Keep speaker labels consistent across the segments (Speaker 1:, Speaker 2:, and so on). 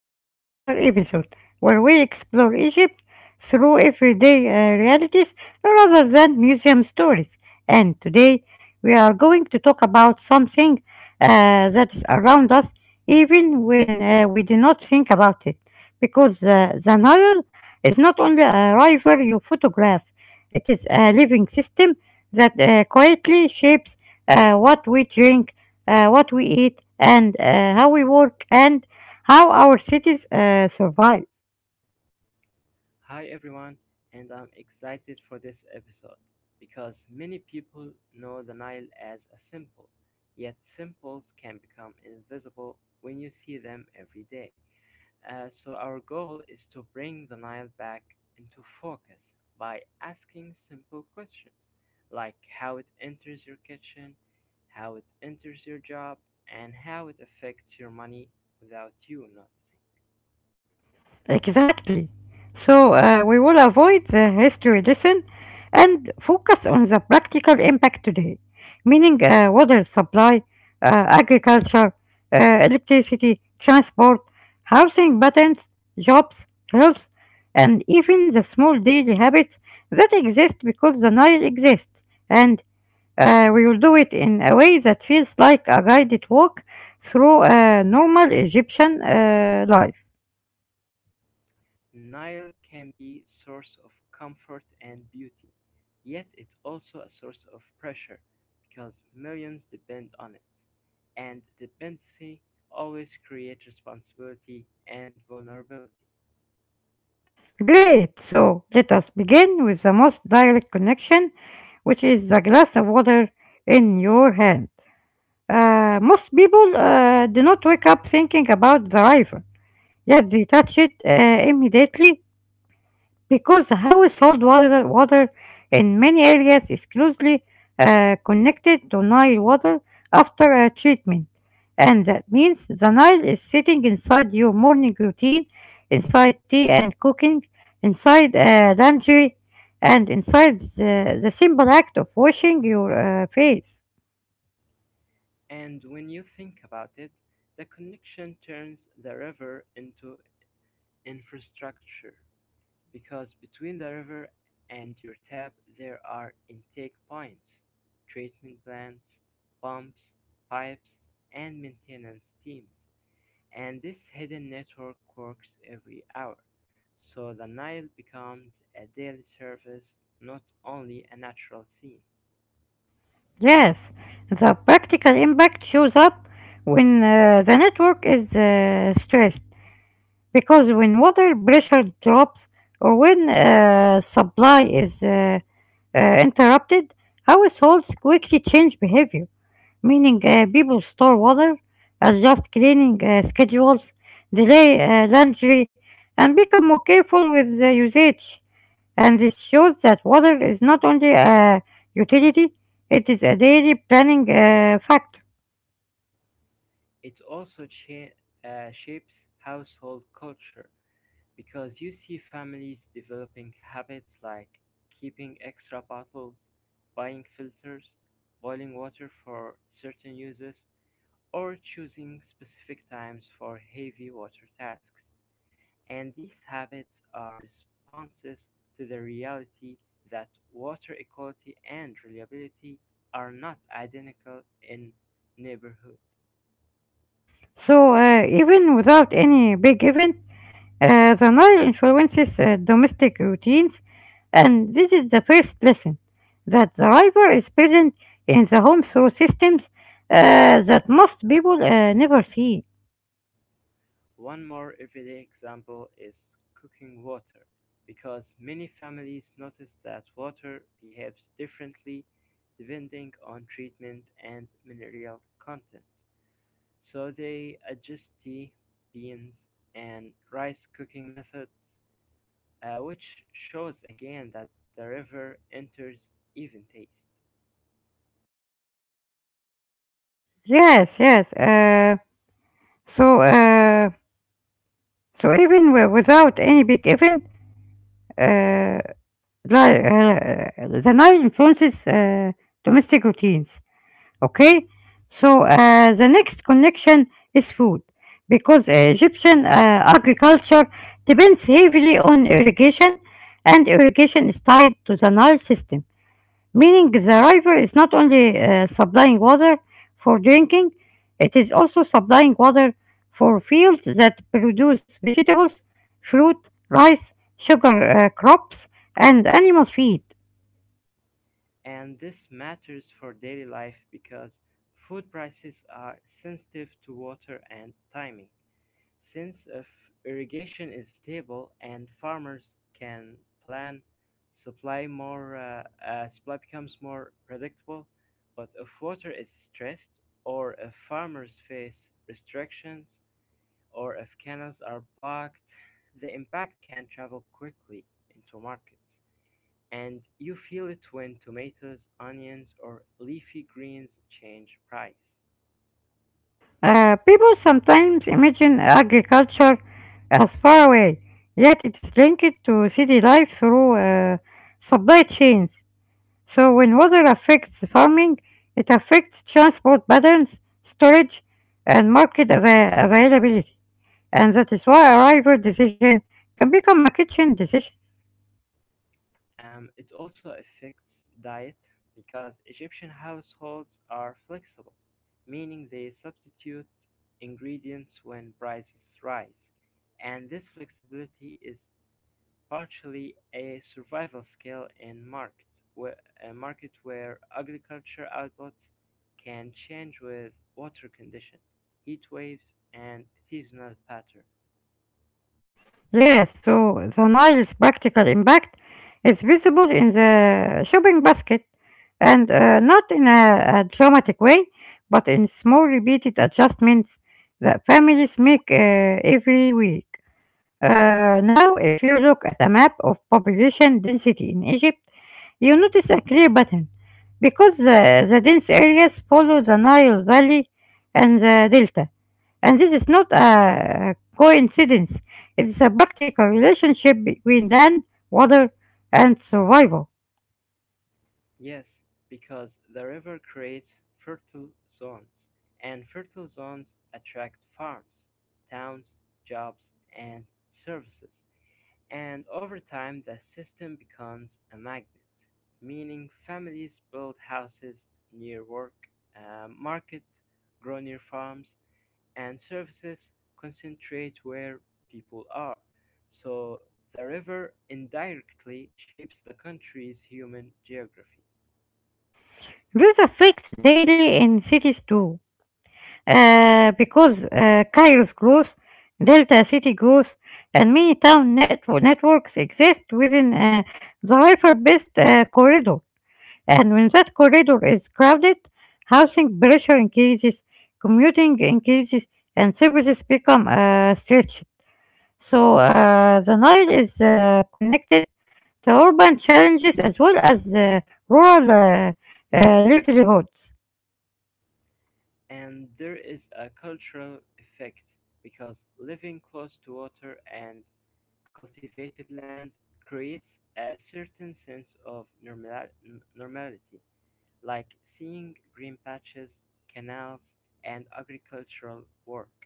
Speaker 1: back to our episode where we explore Egypt through everyday realities rather than museum stories. And today we are going to talk about something that is around us even when we do not think about it. Because The Nile is not only a river you photograph, it is a living system that quietly shapes what we drink, what we eat, and how we work and how our cities survive.
Speaker 2: Hi everyone, and I'm excited for this episode because many people know the Nile as a symbol, yet symbols can become invisible when you see them every day. Our goal is to bring the Nile back into focus by asking simple questions like how it enters your kitchen, how it enters your job, and how it affects your money without you noticing.
Speaker 1: Exactly. So we will avoid the history lesson and focus on the practical impact today, meaning water supply, agriculture, uh, electricity, transport, housing patterns, jobs, health, and even the small daily habits that exist because the Nile exists. And we will do it in a way that feels like a guided walk through a normal Egyptian life.
Speaker 2: Nile can be a source of comfort and beauty, yet it's also a source of pressure because millions depend on it, and dependency always creates responsibility and vulnerability.
Speaker 1: Great! So let us begin with the most direct connection, which is the glass of water in your hand. Most people do not wake up thinking about the river, yet they touch it immediately because household water in many areas is closely connected to Nile water after treatment. And that means the Nile is sitting inside your morning routine, inside tea and cooking, inside laundry, and inside the simple act of washing your face.
Speaker 2: And when you think about it, the connection turns the river into infrastructure. Because between the river and your tap there are intake points, treatment plants, pumps, pipes, and maintenance teams. And this hidden network works every hour. So the Nile becomes a daily service, not only a natural scene.
Speaker 1: Yes, the practical impact shows up when the network is stressed. Because when water pressure drops or when supply is interrupted, households quickly change behavior, meaning people store water, adjust cleaning schedules, delay laundry, and become more careful with the usage. And this shows that water is not only a utility, it is a daily planning factor.
Speaker 2: It also shapes household culture. Because you see families developing habits like keeping extra bottles, buying filters, boiling water for certain uses, or choosing specific times for heavy water tasks. And these habits are responses to the reality that water equality and reliability are not identical in neighborhoods.
Speaker 1: So even without any big event, the Nile influences domestic routines, and this is the first lesson that the river is present in the home through systems that most people never see.
Speaker 2: One more everyday example is cooking water, because many families notice that water behaves differently depending on treatment and mineral content. So they adjust tea, beans, and rice cooking methods, which shows again that the river enters even taste.
Speaker 1: Yes, yes. So, uh, so even without any big event, uh, li- uh, the Nile influences domestic routines. Okay, so the next connection is food because Egyptian agriculture depends heavily on irrigation, and irrigation is tied to the Nile system, meaning the river is not only supplying water for drinking, it is also supplying water for fields that produce vegetables, fruit, rice, sugar crops, and animal feed.
Speaker 2: And this matters for daily life because food prices are sensitive to water and timing, since if irrigation is stable and farmers can plan, supply more uh, supply becomes more predictable. But if water is stressed, or if farmers face restrictions, or if canals are blocked, the impact can travel quickly into markets. And you feel it when tomatoes, onions, or leafy greens change price.
Speaker 1: People sometimes imagine agriculture as far away, yet it is linked to city life through supply chains. So when water affects farming, it affects transport patterns, storage, and market availability. And that is why a river decision can become a kitchen decision.
Speaker 2: It also affects diet because Egyptian households are flexible, meaning they substitute ingredients when prices rise. And this flexibility is partially a survival skill in markets, where, a market where agriculture outputs can change with water condition, heat waves, and seasonal patterns.
Speaker 1: Yes, so the Nile's practical impact is visible in the shopping basket and not in a dramatic way, but in small repeated adjustments that families make every week. Now, if you look at a map of population density in Egypt, you notice a clear pattern because the dense areas follow the Nile Valley and the Delta, and this is not a coincidence, it's a practical relationship between land, water, and survival.
Speaker 2: Yes, because the river creates fertile zones, and fertile zones attract farms, towns, jobs, and services. And over time, the system becomes a magnet, meaning families build houses near work, market, grow near farms, and services concentrate where people are. So the river indirectly shapes the country's human geography.
Speaker 1: This affects daily in cities too, because Cairo's growth, Delta city growth, and many town networks exist within the hyper-based corridor. And when that corridor is crowded, housing pressure increases, commuting increases, and services become stretched. So the Nile is connected to urban challenges as well as rural livelihoods.
Speaker 2: And there is a cultural effect because living close to water and cultivated land creates a certain sense of normality, like seeing green patches, canals, and agricultural work.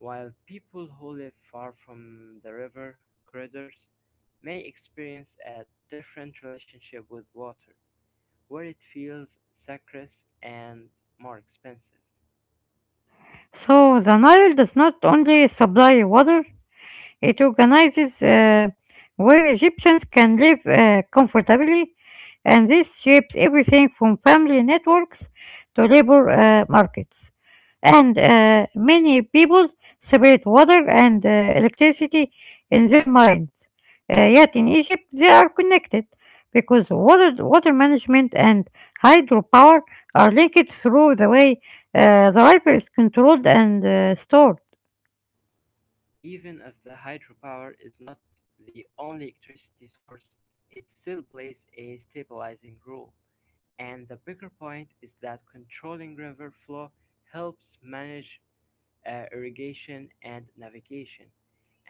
Speaker 2: While people who live far from the river corridors may experience a different relationship with water, where it feels sacred and more expensive.
Speaker 1: So the Nile does not only supply water. It organizes where Egyptians can live comfortably, and this shapes everything from family networks to labor markets. And many people separate water and electricity in their minds. Yet in Egypt, they are connected because water management and hydropower are linked through the way the river is controlled and stored.
Speaker 2: Even if the hydropower is not the only electricity source, it still plays a stabilizing role. And the bigger point is that controlling river flow helps manage irrigation and navigation.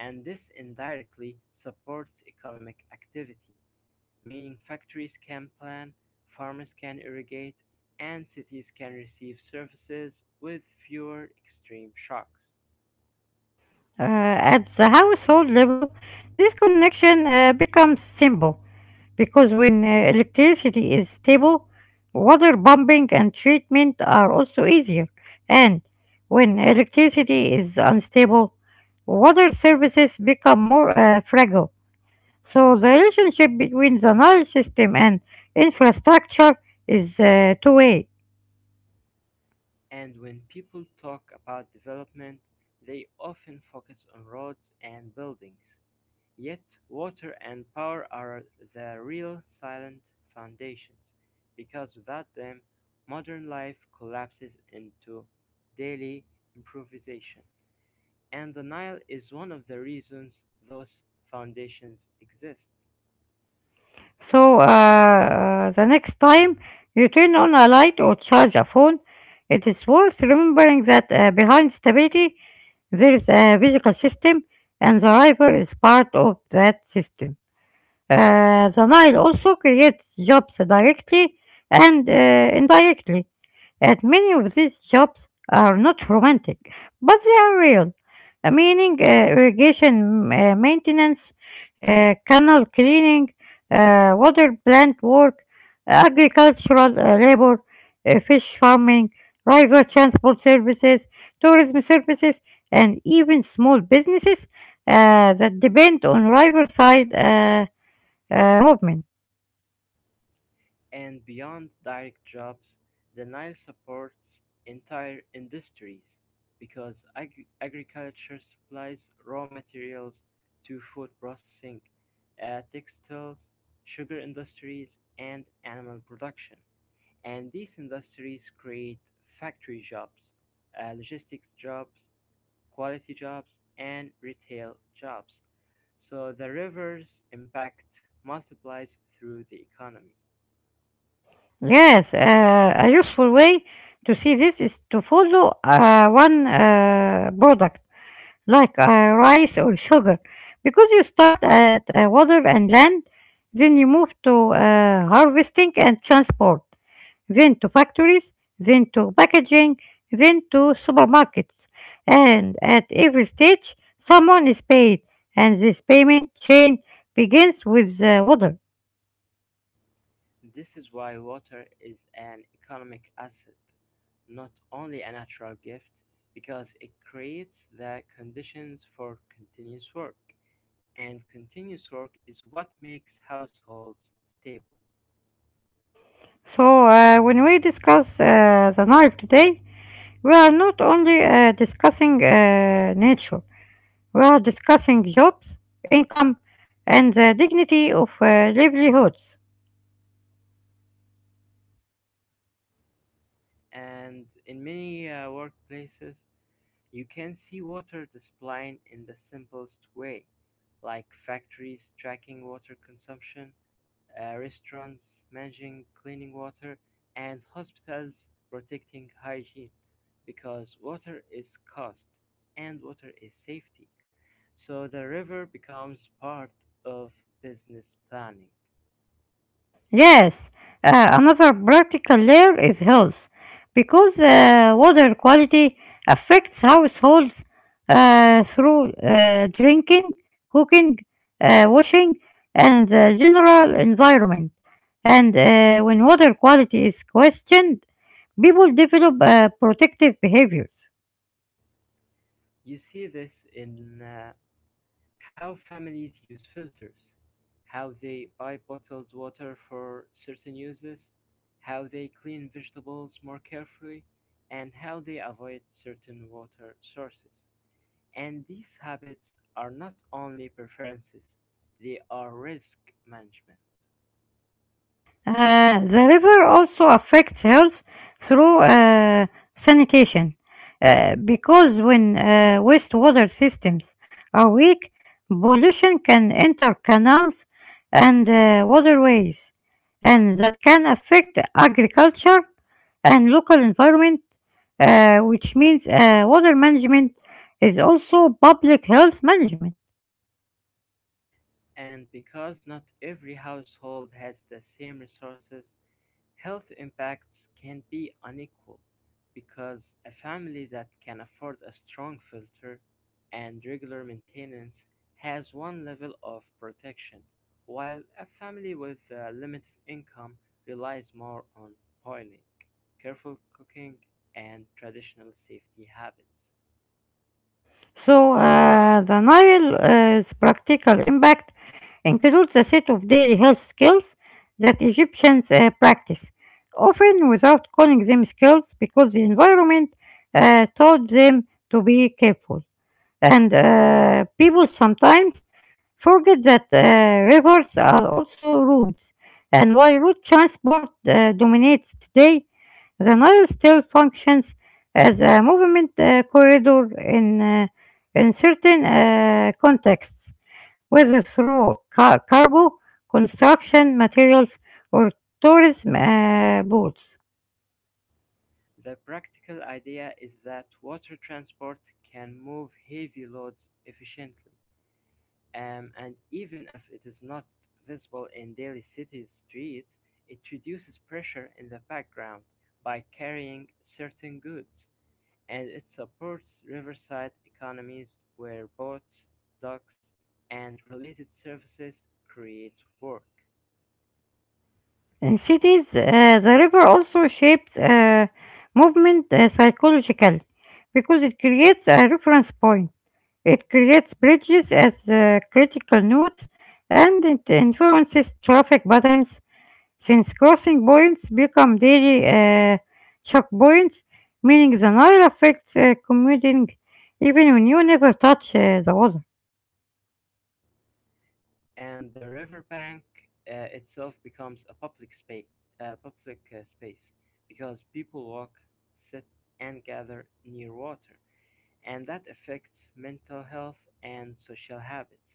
Speaker 2: And this indirectly supports economic activity, meaning factories can plant, farmers can irrigate, and cities can receive services with fewer extreme shocks.
Speaker 1: At the household level, this connection becomes simple because when electricity is stable, water pumping and treatment are also easier. And when electricity is unstable, water services become more fragile. So the relationship between the knowledge system and infrastructure is two way.
Speaker 2: And when people talk about development, they often focus on roads and buildings. Yet, water and power are the real silent foundations, because without them, modern life collapses into daily improvisation. And the Nile is one of the reasons those foundations exist.
Speaker 1: So the next time you turn on a light or charge a phone, it is worth remembering that behind stability there is a physical system, and the driver is part of that system. The Nile also creates jobs directly and indirectly, and many of these jobs are not romantic, but they are real. Meaning irrigation maintenance, canal cleaning, water plant work, agricultural labor, fish farming, river transport services, tourism services, and even small businesses that depend on riverside movement.
Speaker 2: And beyond direct jobs, the Nile supports entire industries because agriculture supplies raw materials to food processing, textiles, sugar industries, and animal production. And these industries create factory jobs, logistics jobs, quality jobs, and retail jobs. So the river's impact multiplies through the economy.
Speaker 1: Yes, a useful way to see this is to follow one product like rice or sugar, because you start at water and land, then you move to harvesting and transport, then to factories, then to packaging, then to supermarkets. And at every stage, someone is paid, and this payment chain begins with water.
Speaker 2: This is why water is an economic asset, not only a natural gift, because it creates the conditions for continuous work. And continuous work is what makes households stable.
Speaker 1: So, when we discuss the Nile today, we are not only discussing nature, we are discussing jobs, income, and the dignity of livelihoods.
Speaker 2: And in many workplaces, you can see water displayed in the simplest way, like factories tracking water consumption, restaurants managing cleaning water, and hospitals protecting hygiene because water is cost and water is safety. So the river becomes part of business planning.
Speaker 1: Yes, another practical layer is health, because water quality affects households through drinking, cooking, washing, and general environment. And when water quality is questioned, people develop protective behaviors.
Speaker 2: You see this in how families use filters, how they buy bottled water for certain uses, how they clean vegetables more carefully, and how they avoid certain water sources. And these habits are not only preferences, they are risk management.
Speaker 1: The river also affects health through sanitation because when wastewater systems are weak, pollution can enter canals and waterways, and that can affect agriculture and local environment, which means water management is also public health management.
Speaker 2: And because not every household has the same resources, health impacts can be unequal because a family that can afford a strong filter and regular maintenance has one level of protection, while a family with a limited income relies more on boiling, careful cooking, and traditional safety habits.
Speaker 1: So, the Nile's practical impact includes a set of daily health skills that Egyptians practice, often without calling them skills because the environment taught them to be careful. And people sometimes forget that rivers are also roads, and while road transport dominates today, the Nile still functions as a movement corridor in certain contexts, whether through cargo, construction materials, or tourism boats.
Speaker 2: The practical idea is that water transport can move heavy loads efficiently. And even if it is not visible in daily city streets, it reduces pressure in the background by carrying certain goods, and it supports riverside economies where boats, docks, and related services create work.
Speaker 1: In cities, the river also shapes movement psychologically because it creates a reference point. It creates bridges as critical nodes, and it influences traffic patterns since crossing points become daily shock points, meaning the Nile affects commuting even when you never touch the water.
Speaker 2: And the riverbank itself becomes a public space, because people walk, sit, and gather near water, and that affects mental health and social habits.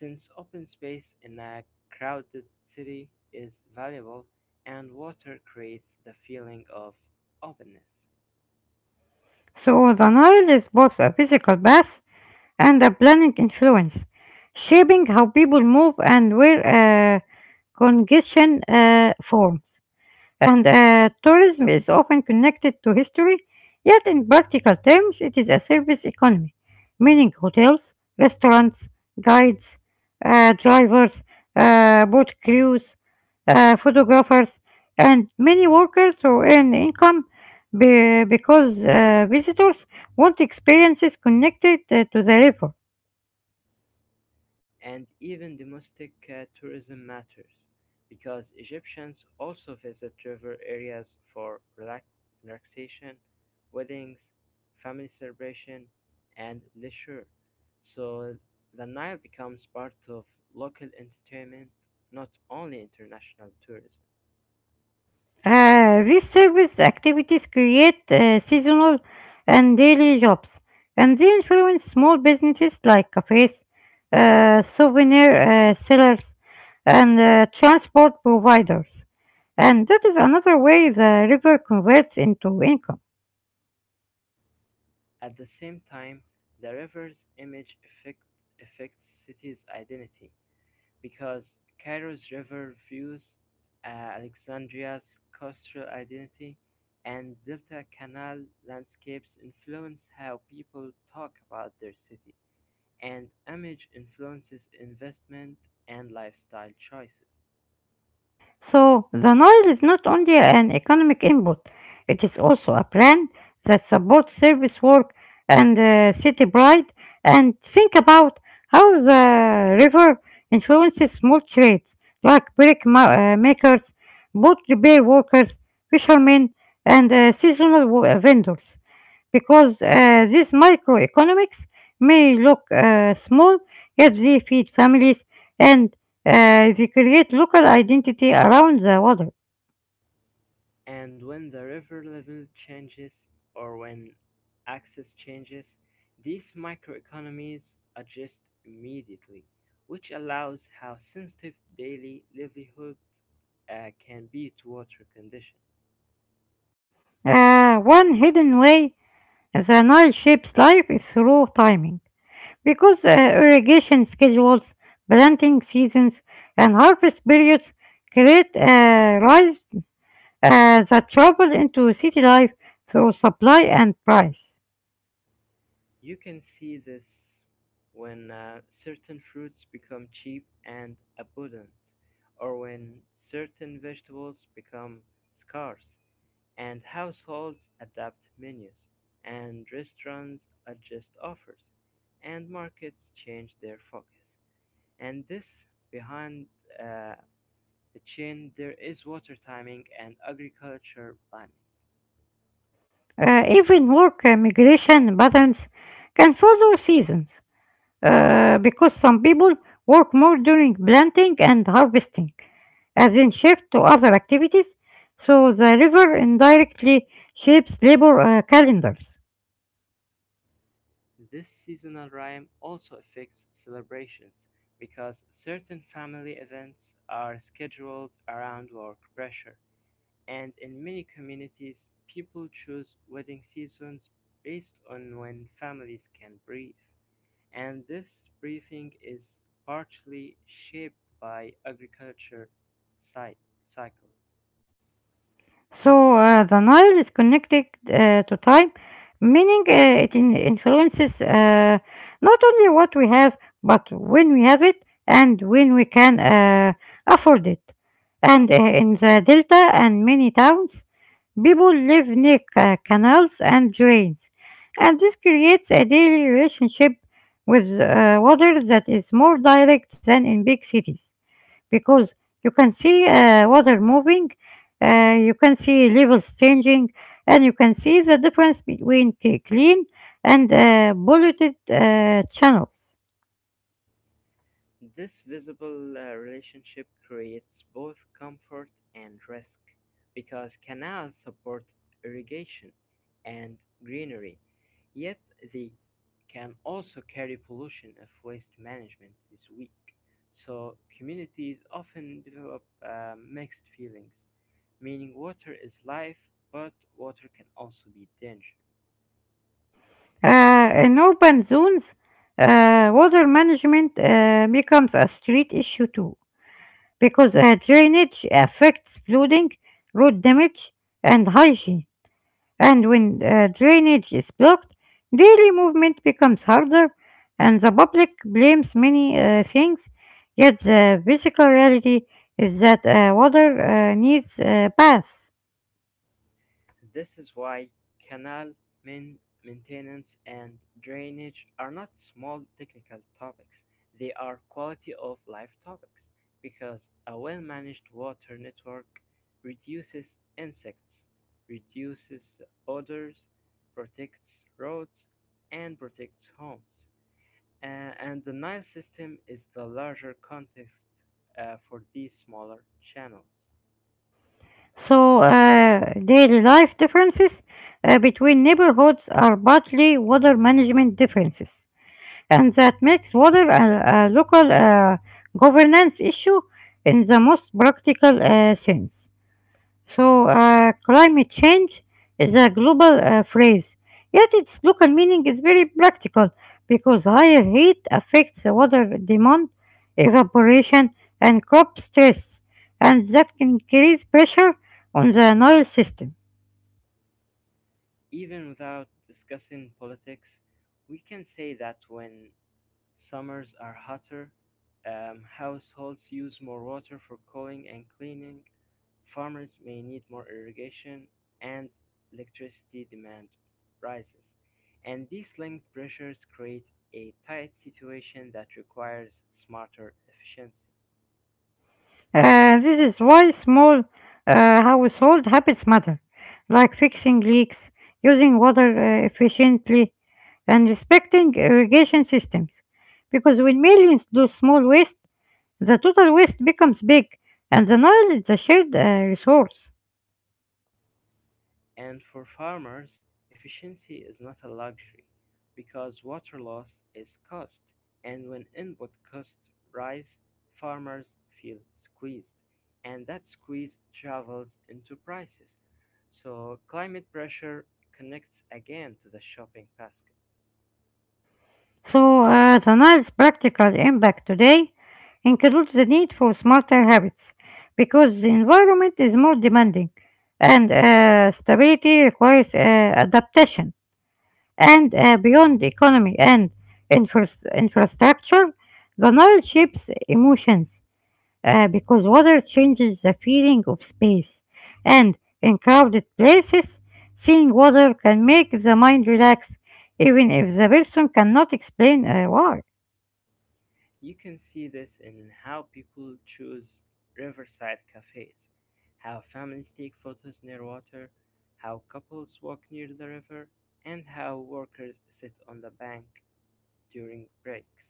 Speaker 2: Since open space in a crowded city is valuable, and water creates the feeling of openness.
Speaker 1: So the Nile is both a physical path and a planning influence, shaping how people move and where congestion forms. And tourism is often connected to history, yet in practical terms, it is a service economy, meaning hotels, restaurants, guides, drivers, boat crews, photographers, and many workers who earn income because visitors want experiences connected to the river.
Speaker 2: And even domestic tourism matters because Egyptians also visit river areas for relaxation, weddings, family celebration, and leisure. So the Nile becomes part of local entertainment, not only international tourism.
Speaker 1: These service activities create seasonal and daily jobs, and they influence small businesses like cafes, souvenir sellers, and transport providers. And that is another way the river converts into income.
Speaker 2: At the same time, the river's affect, affects cities' identity. Because Cairo's river views, Alexandria's coastal identity, and Delta Canal landscapes influence how people talk about their city, and image influences investment and lifestyle choices.
Speaker 1: So the Nile is not only an economic input, it is also a brand that supports service work and city pride. And think about how the river influences small trades like brick makers, boat repair workers, fishermen, and seasonal vendors, because these microeconomics may look small, yet they feed families and they create local identity around the water.
Speaker 2: And when the river level changes, or when access changes, these microeconomies adjust immediately, which allows how sensitive daily livelihoods can be to water conditions.
Speaker 1: One hidden way the Nile shapes life is through timing, because irrigation schedules, planting seasons, and harvest periods create rise that travel into city life through supply and price.
Speaker 2: You can see this when certain fruits become cheap and abundant, or when certain vegetables become scarce, and households adapt menus, and restaurants adjust offers, and markets change their focus. And this behind uh, the chain there is water timing and agriculture planning.
Speaker 1: Even work migration patterns can follow seasons, because some people work more during planting and harvesting, as in shift to other activities, so the river indirectly shapes labor calendars.
Speaker 2: This seasonal rhyme also affects celebrations because certain family events are scheduled around work pressure, and in many communities, people choose wedding seasons based on when families can breathe. And this breathing is partially shaped by agriculture cy- cycles.
Speaker 1: So the Nile is connected to time, meaning it influences not only what we have, but when we have it and when we can afford it. And in the delta and many towns, people live near canals and drains, and this creates a daily relationship with water that is more direct than in big cities because you can see water moving, you can see levels changing, and you can see the difference between clean and polluted channels.
Speaker 2: This visible relationship creates both comfort and risk because canals support irrigation and greenery, yet they can also carry pollution if waste management is weak. So, communities often develop mixed feelings, meaning water is life, but water can also be dangerous.
Speaker 1: In urban zones, water management becomes a street issue too, because drainage affects flooding, road damage, and hygiene. And when drainage is blocked, daily movement becomes harder, and the public blames many things. Yet the physical reality is that water needs baths.
Speaker 2: This is why canal maintenance and drainage are not small technical topics, they are quality of life topics, because a well managed water network reduces insects, reduces odors, protects roads, and protects homes. A- and the Nile system is the larger context for these smaller channels.
Speaker 1: So daily life differences between neighborhoods are partly water management differences, and that makes water a local governance issue in the most practical sense. Climate change is a global phrase, yet its local meaning is very practical because higher heat affects the water demand, evaporation, and crop stress, and that can increase pressure on the Nile system.
Speaker 2: Even without discussing politics, we can say that when summers are hotter, households use more water for cooling and cleaning, farmers may need more irrigation, and electricity demand rises. And these linked pressures create a tight situation that requires smarter efficiency.
Speaker 1: This is why small household habits matter, like fixing leaks, using water efficiently, and respecting irrigation systems. Because when millions do small waste, the total waste becomes big, and the Nile is a shared resource.
Speaker 2: And for farmers, efficiency is not a luxury because water loss is cost, and when input costs rise, farmers feel squeezed, and that squeeze travels into prices. So climate pressure connects again to the shopping basket.
Speaker 1: The Nile's practical impact today includes the need for smarter habits because the environment is more demanding and stability requires adaptation. And beyond economy and infrastructure, the Nile shapes emotions because water changes the feeling of space. And in crowded places, seeing water can make the mind relax, even if the person cannot explain why.
Speaker 2: You can see this in how people choose riverside cafes, how families take photos near water, how couples walk near the river, and how workers sit on the bank during breaks.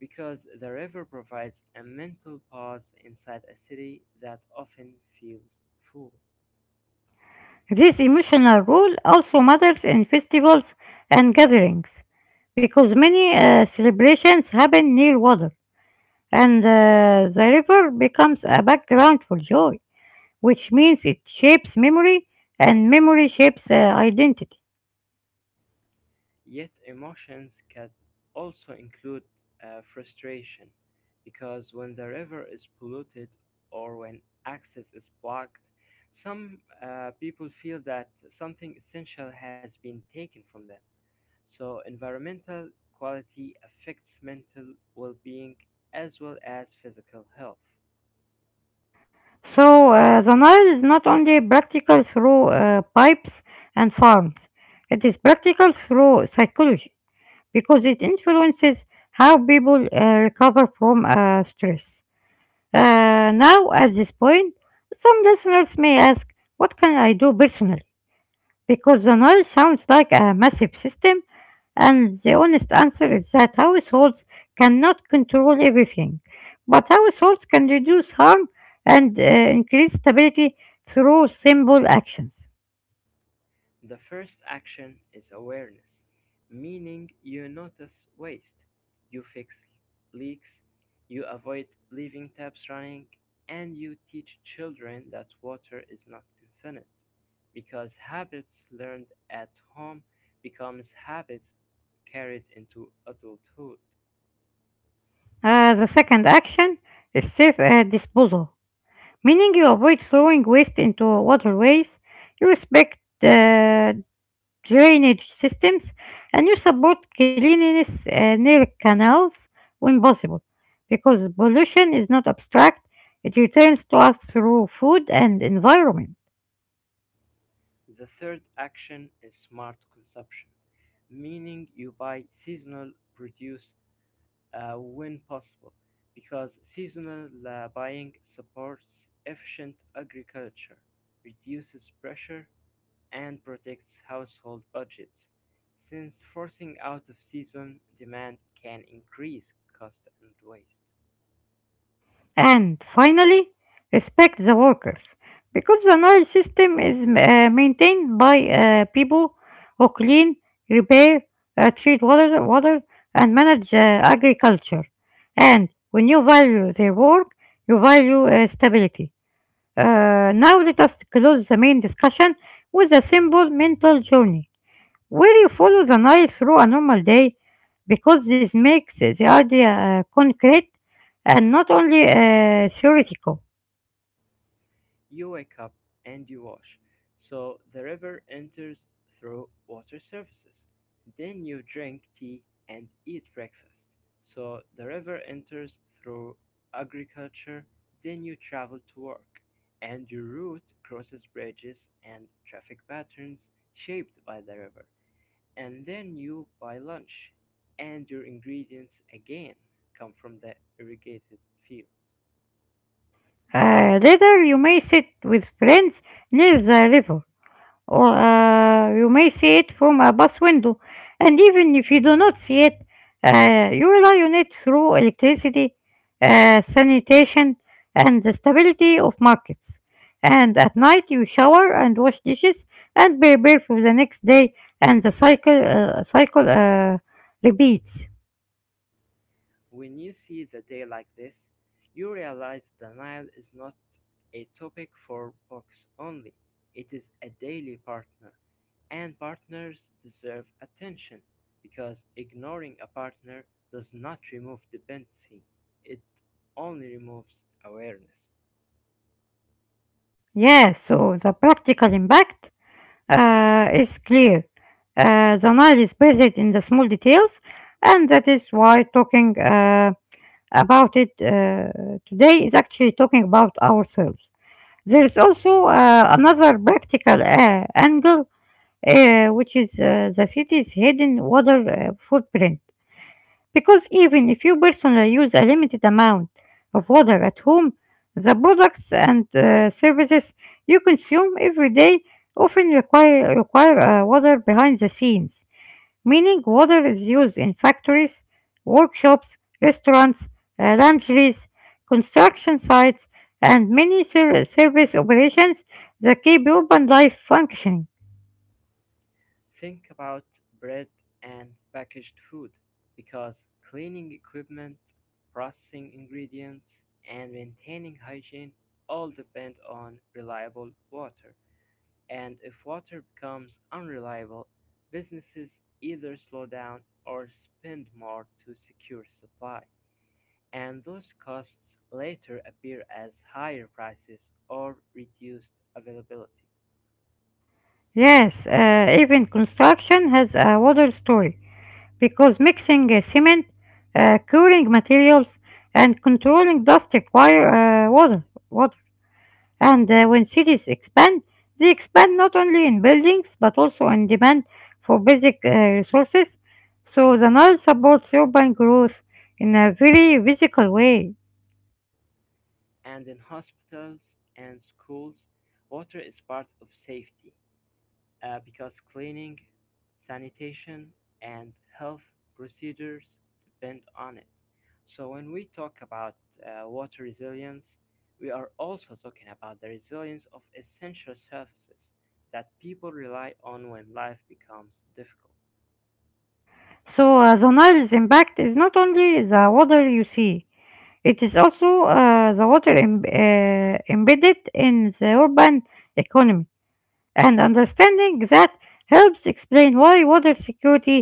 Speaker 2: Because the river provides a mental pause inside a city that often feels full.
Speaker 1: This emotional role also matters in festivals and gatherings because many celebrations happen near water and the river becomes a background for joy, which means it shapes memory and memory shapes identity.
Speaker 2: Yet emotions can also include frustration, because when the river is polluted or when access is blocked, some people feel that something essential has been taken from them. So, environmental quality affects mental well being as well as physical health.
Speaker 1: The Nile is not only practical through pipes and farms, it is practical through psychology because it influences how people recover from stress. Now, at this point, some listeners may ask, what can I do personally? Because the Nile sounds like a massive system, and the honest answer is that households cannot control everything. But households can reduce harm and increase stability through simple actions.
Speaker 2: The first action is awareness, meaning you notice waste, you fix leaks, you avoid leaving taps running, and you teach children that water is not infinite because habits learned at home becomes habits carried into adulthood.
Speaker 1: The second action is safe disposal, meaning you avoid throwing waste into waterways, you respect drainage systems, and you support cleanliness near canals when possible, because pollution is not abstract, it returns to us through food and environment.
Speaker 2: The third action is smart consumption, meaning you buy seasonal produce when possible, because seasonal buying supports efficient agriculture, reduces pressure, and protects household budgets, since forcing out of season demand can increase cost and waste.
Speaker 1: And finally, respect the workers, because the Nile system is maintained by people who clean, repair, treat water, and manage agriculture. And when you value their work, you value stability. Now let us close the main discussion with a simple mental journey where you follow the night through a normal day because this makes the idea concrete and not only theoretical.
Speaker 2: You wake up and you wash, so the river enters through water surfaces. Then you drink tea and eat breakfast, so the river enters through agriculture. Then you travel to work, and your route crosses bridges and traffic patterns shaped by the river. And then you buy lunch, and your ingredients again come from the irrigated fields.
Speaker 1: Later, you may sit with friends near the river or you may see it from a bus window. And even if you do not see it, you rely on it through electricity, sanitation, and the stability of markets. And at night, you shower and wash dishes and prepare for the next day, and the cycle repeats.
Speaker 2: When you see the day like this, you realize the Nile is not a topic for books only, it is a daily partner, and partners deserve attention because ignoring a partner does not remove dependency, it only removes awareness.
Speaker 1: Yes, so the practical impact is clear. The Nile is bathed in the small details, and that is why talking about it today is actually talking about ourselves. There is also another practical angle, which is the city's hidden water footprint. Because even if you personally use a limited amount of water at home, the products and services you consume every day often require water behind the scenes, meaning water is used in factories, workshops, restaurants, laundries, construction sites, and many service operations that keep urban life functioning.
Speaker 2: Think about bread and packaged food, because cleaning equipment, processing ingredients, and maintaining hygiene all depend on reliable water. And if water becomes unreliable, businesses either slow down or spend more to secure supply. And those costs later appear as higher prices or reduced availability.
Speaker 1: Yes, even construction has a water story, because mixing cement, curing materials, and controlling dust require water. And when cities expand, they expand not only in buildings but also in demand for basic resources. So the Nile supports urban growth in a very physical way.
Speaker 2: And in hospitals and schools, water is part of safety because cleaning, sanitation, and health procedures depend on it. So, when we talk about water resilience, we are also talking about the resilience of essential services that people rely on when life becomes difficult.
Speaker 1: The Nile's impact is not only the water you see, it is also the water embedded in the urban economy, and understanding that helps explain why water security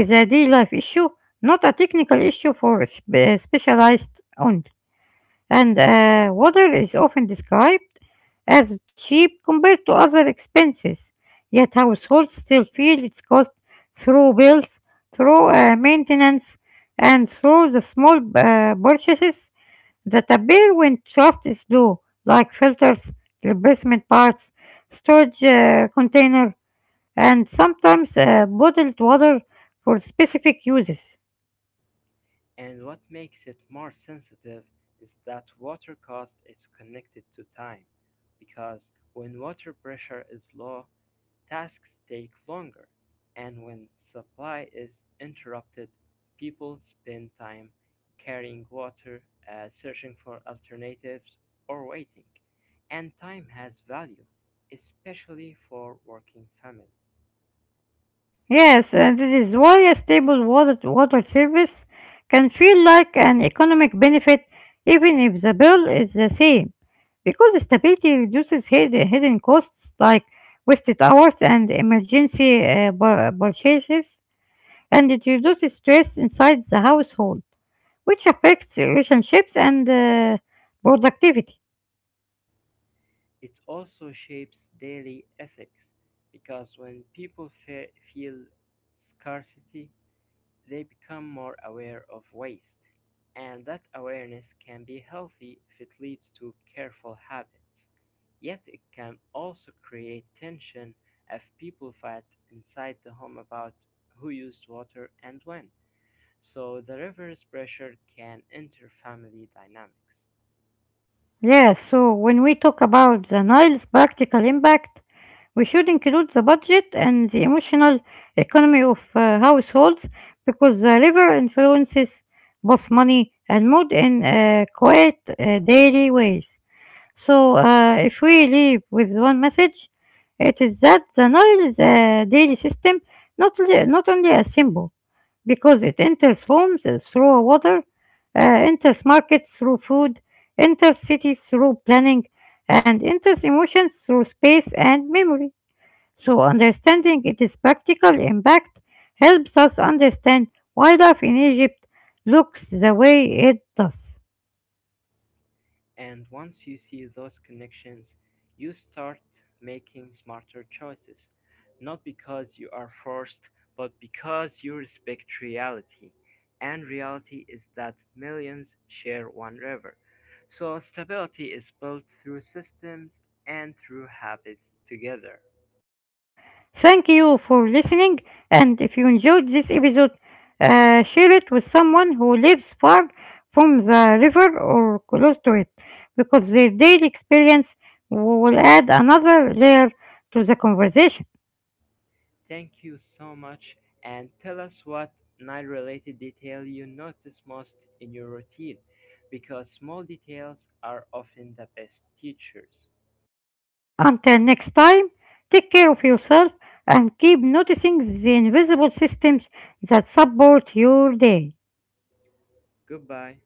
Speaker 1: is a daily life issue, not a technical issue for specialized only. And water is often described as cheap compared to other expenses, yet households still feel its cost through bills, through maintenance, and through the small purchases that appear when trust is low, like filters, replacement parts, storage container, and sometimes bottled water for specific uses.
Speaker 2: And what makes it more sensitive is that water cost is connected to time, because when water pressure is low, tasks take longer, and when supply is interrupted, people spend time carrying water, searching for alternatives, or waiting. And time has value, especially for working families.
Speaker 1: Yes, and this is why a stable water service can feel like an economic benefit even if the bill is the same, because stability reduces hidden costs like wasted hours and emergency purchases, and it reduces stress inside the household, which affects relationships and productivity.
Speaker 2: It also shapes daily ethics because when people feel scarcity, they become more aware of waste, and that awareness can be healthy if it leads to careful habits. Yet it can also create tension if people fight inside the home about who used water and when. So the reverse pressure can enter family dynamics.
Speaker 1: Yeah, so when we talk about the Nile's practical impact, we should include the budget and the emotional economy of households because the river influences both money and mood in quiet daily ways. If we leave with one message, it is that the Nile is a daily system, not only a symbol, because it enters homes through water, uh, enters markets through food, enters cities through planning, and enters emotions through space and memory. So, understanding its practical impact helps us understand why life in Egypt looks the way it does.
Speaker 2: And once you see those connections, you start making smarter choices, not because you are forced, but because you respect reality. And reality is that millions share one river. So stability is built through systems and through habits together.
Speaker 1: Thank you for listening, and if you enjoyed this episode, share it with someone who lives far from the river or close to it, because their daily experience will add another layer to the conversation.
Speaker 2: Thank you so much, and tell us what night related detail you notice most in your routine because small details are often the best teachers.
Speaker 1: Until next time, take care of yourself and keep noticing the invisible systems that support your day.
Speaker 2: Goodbye.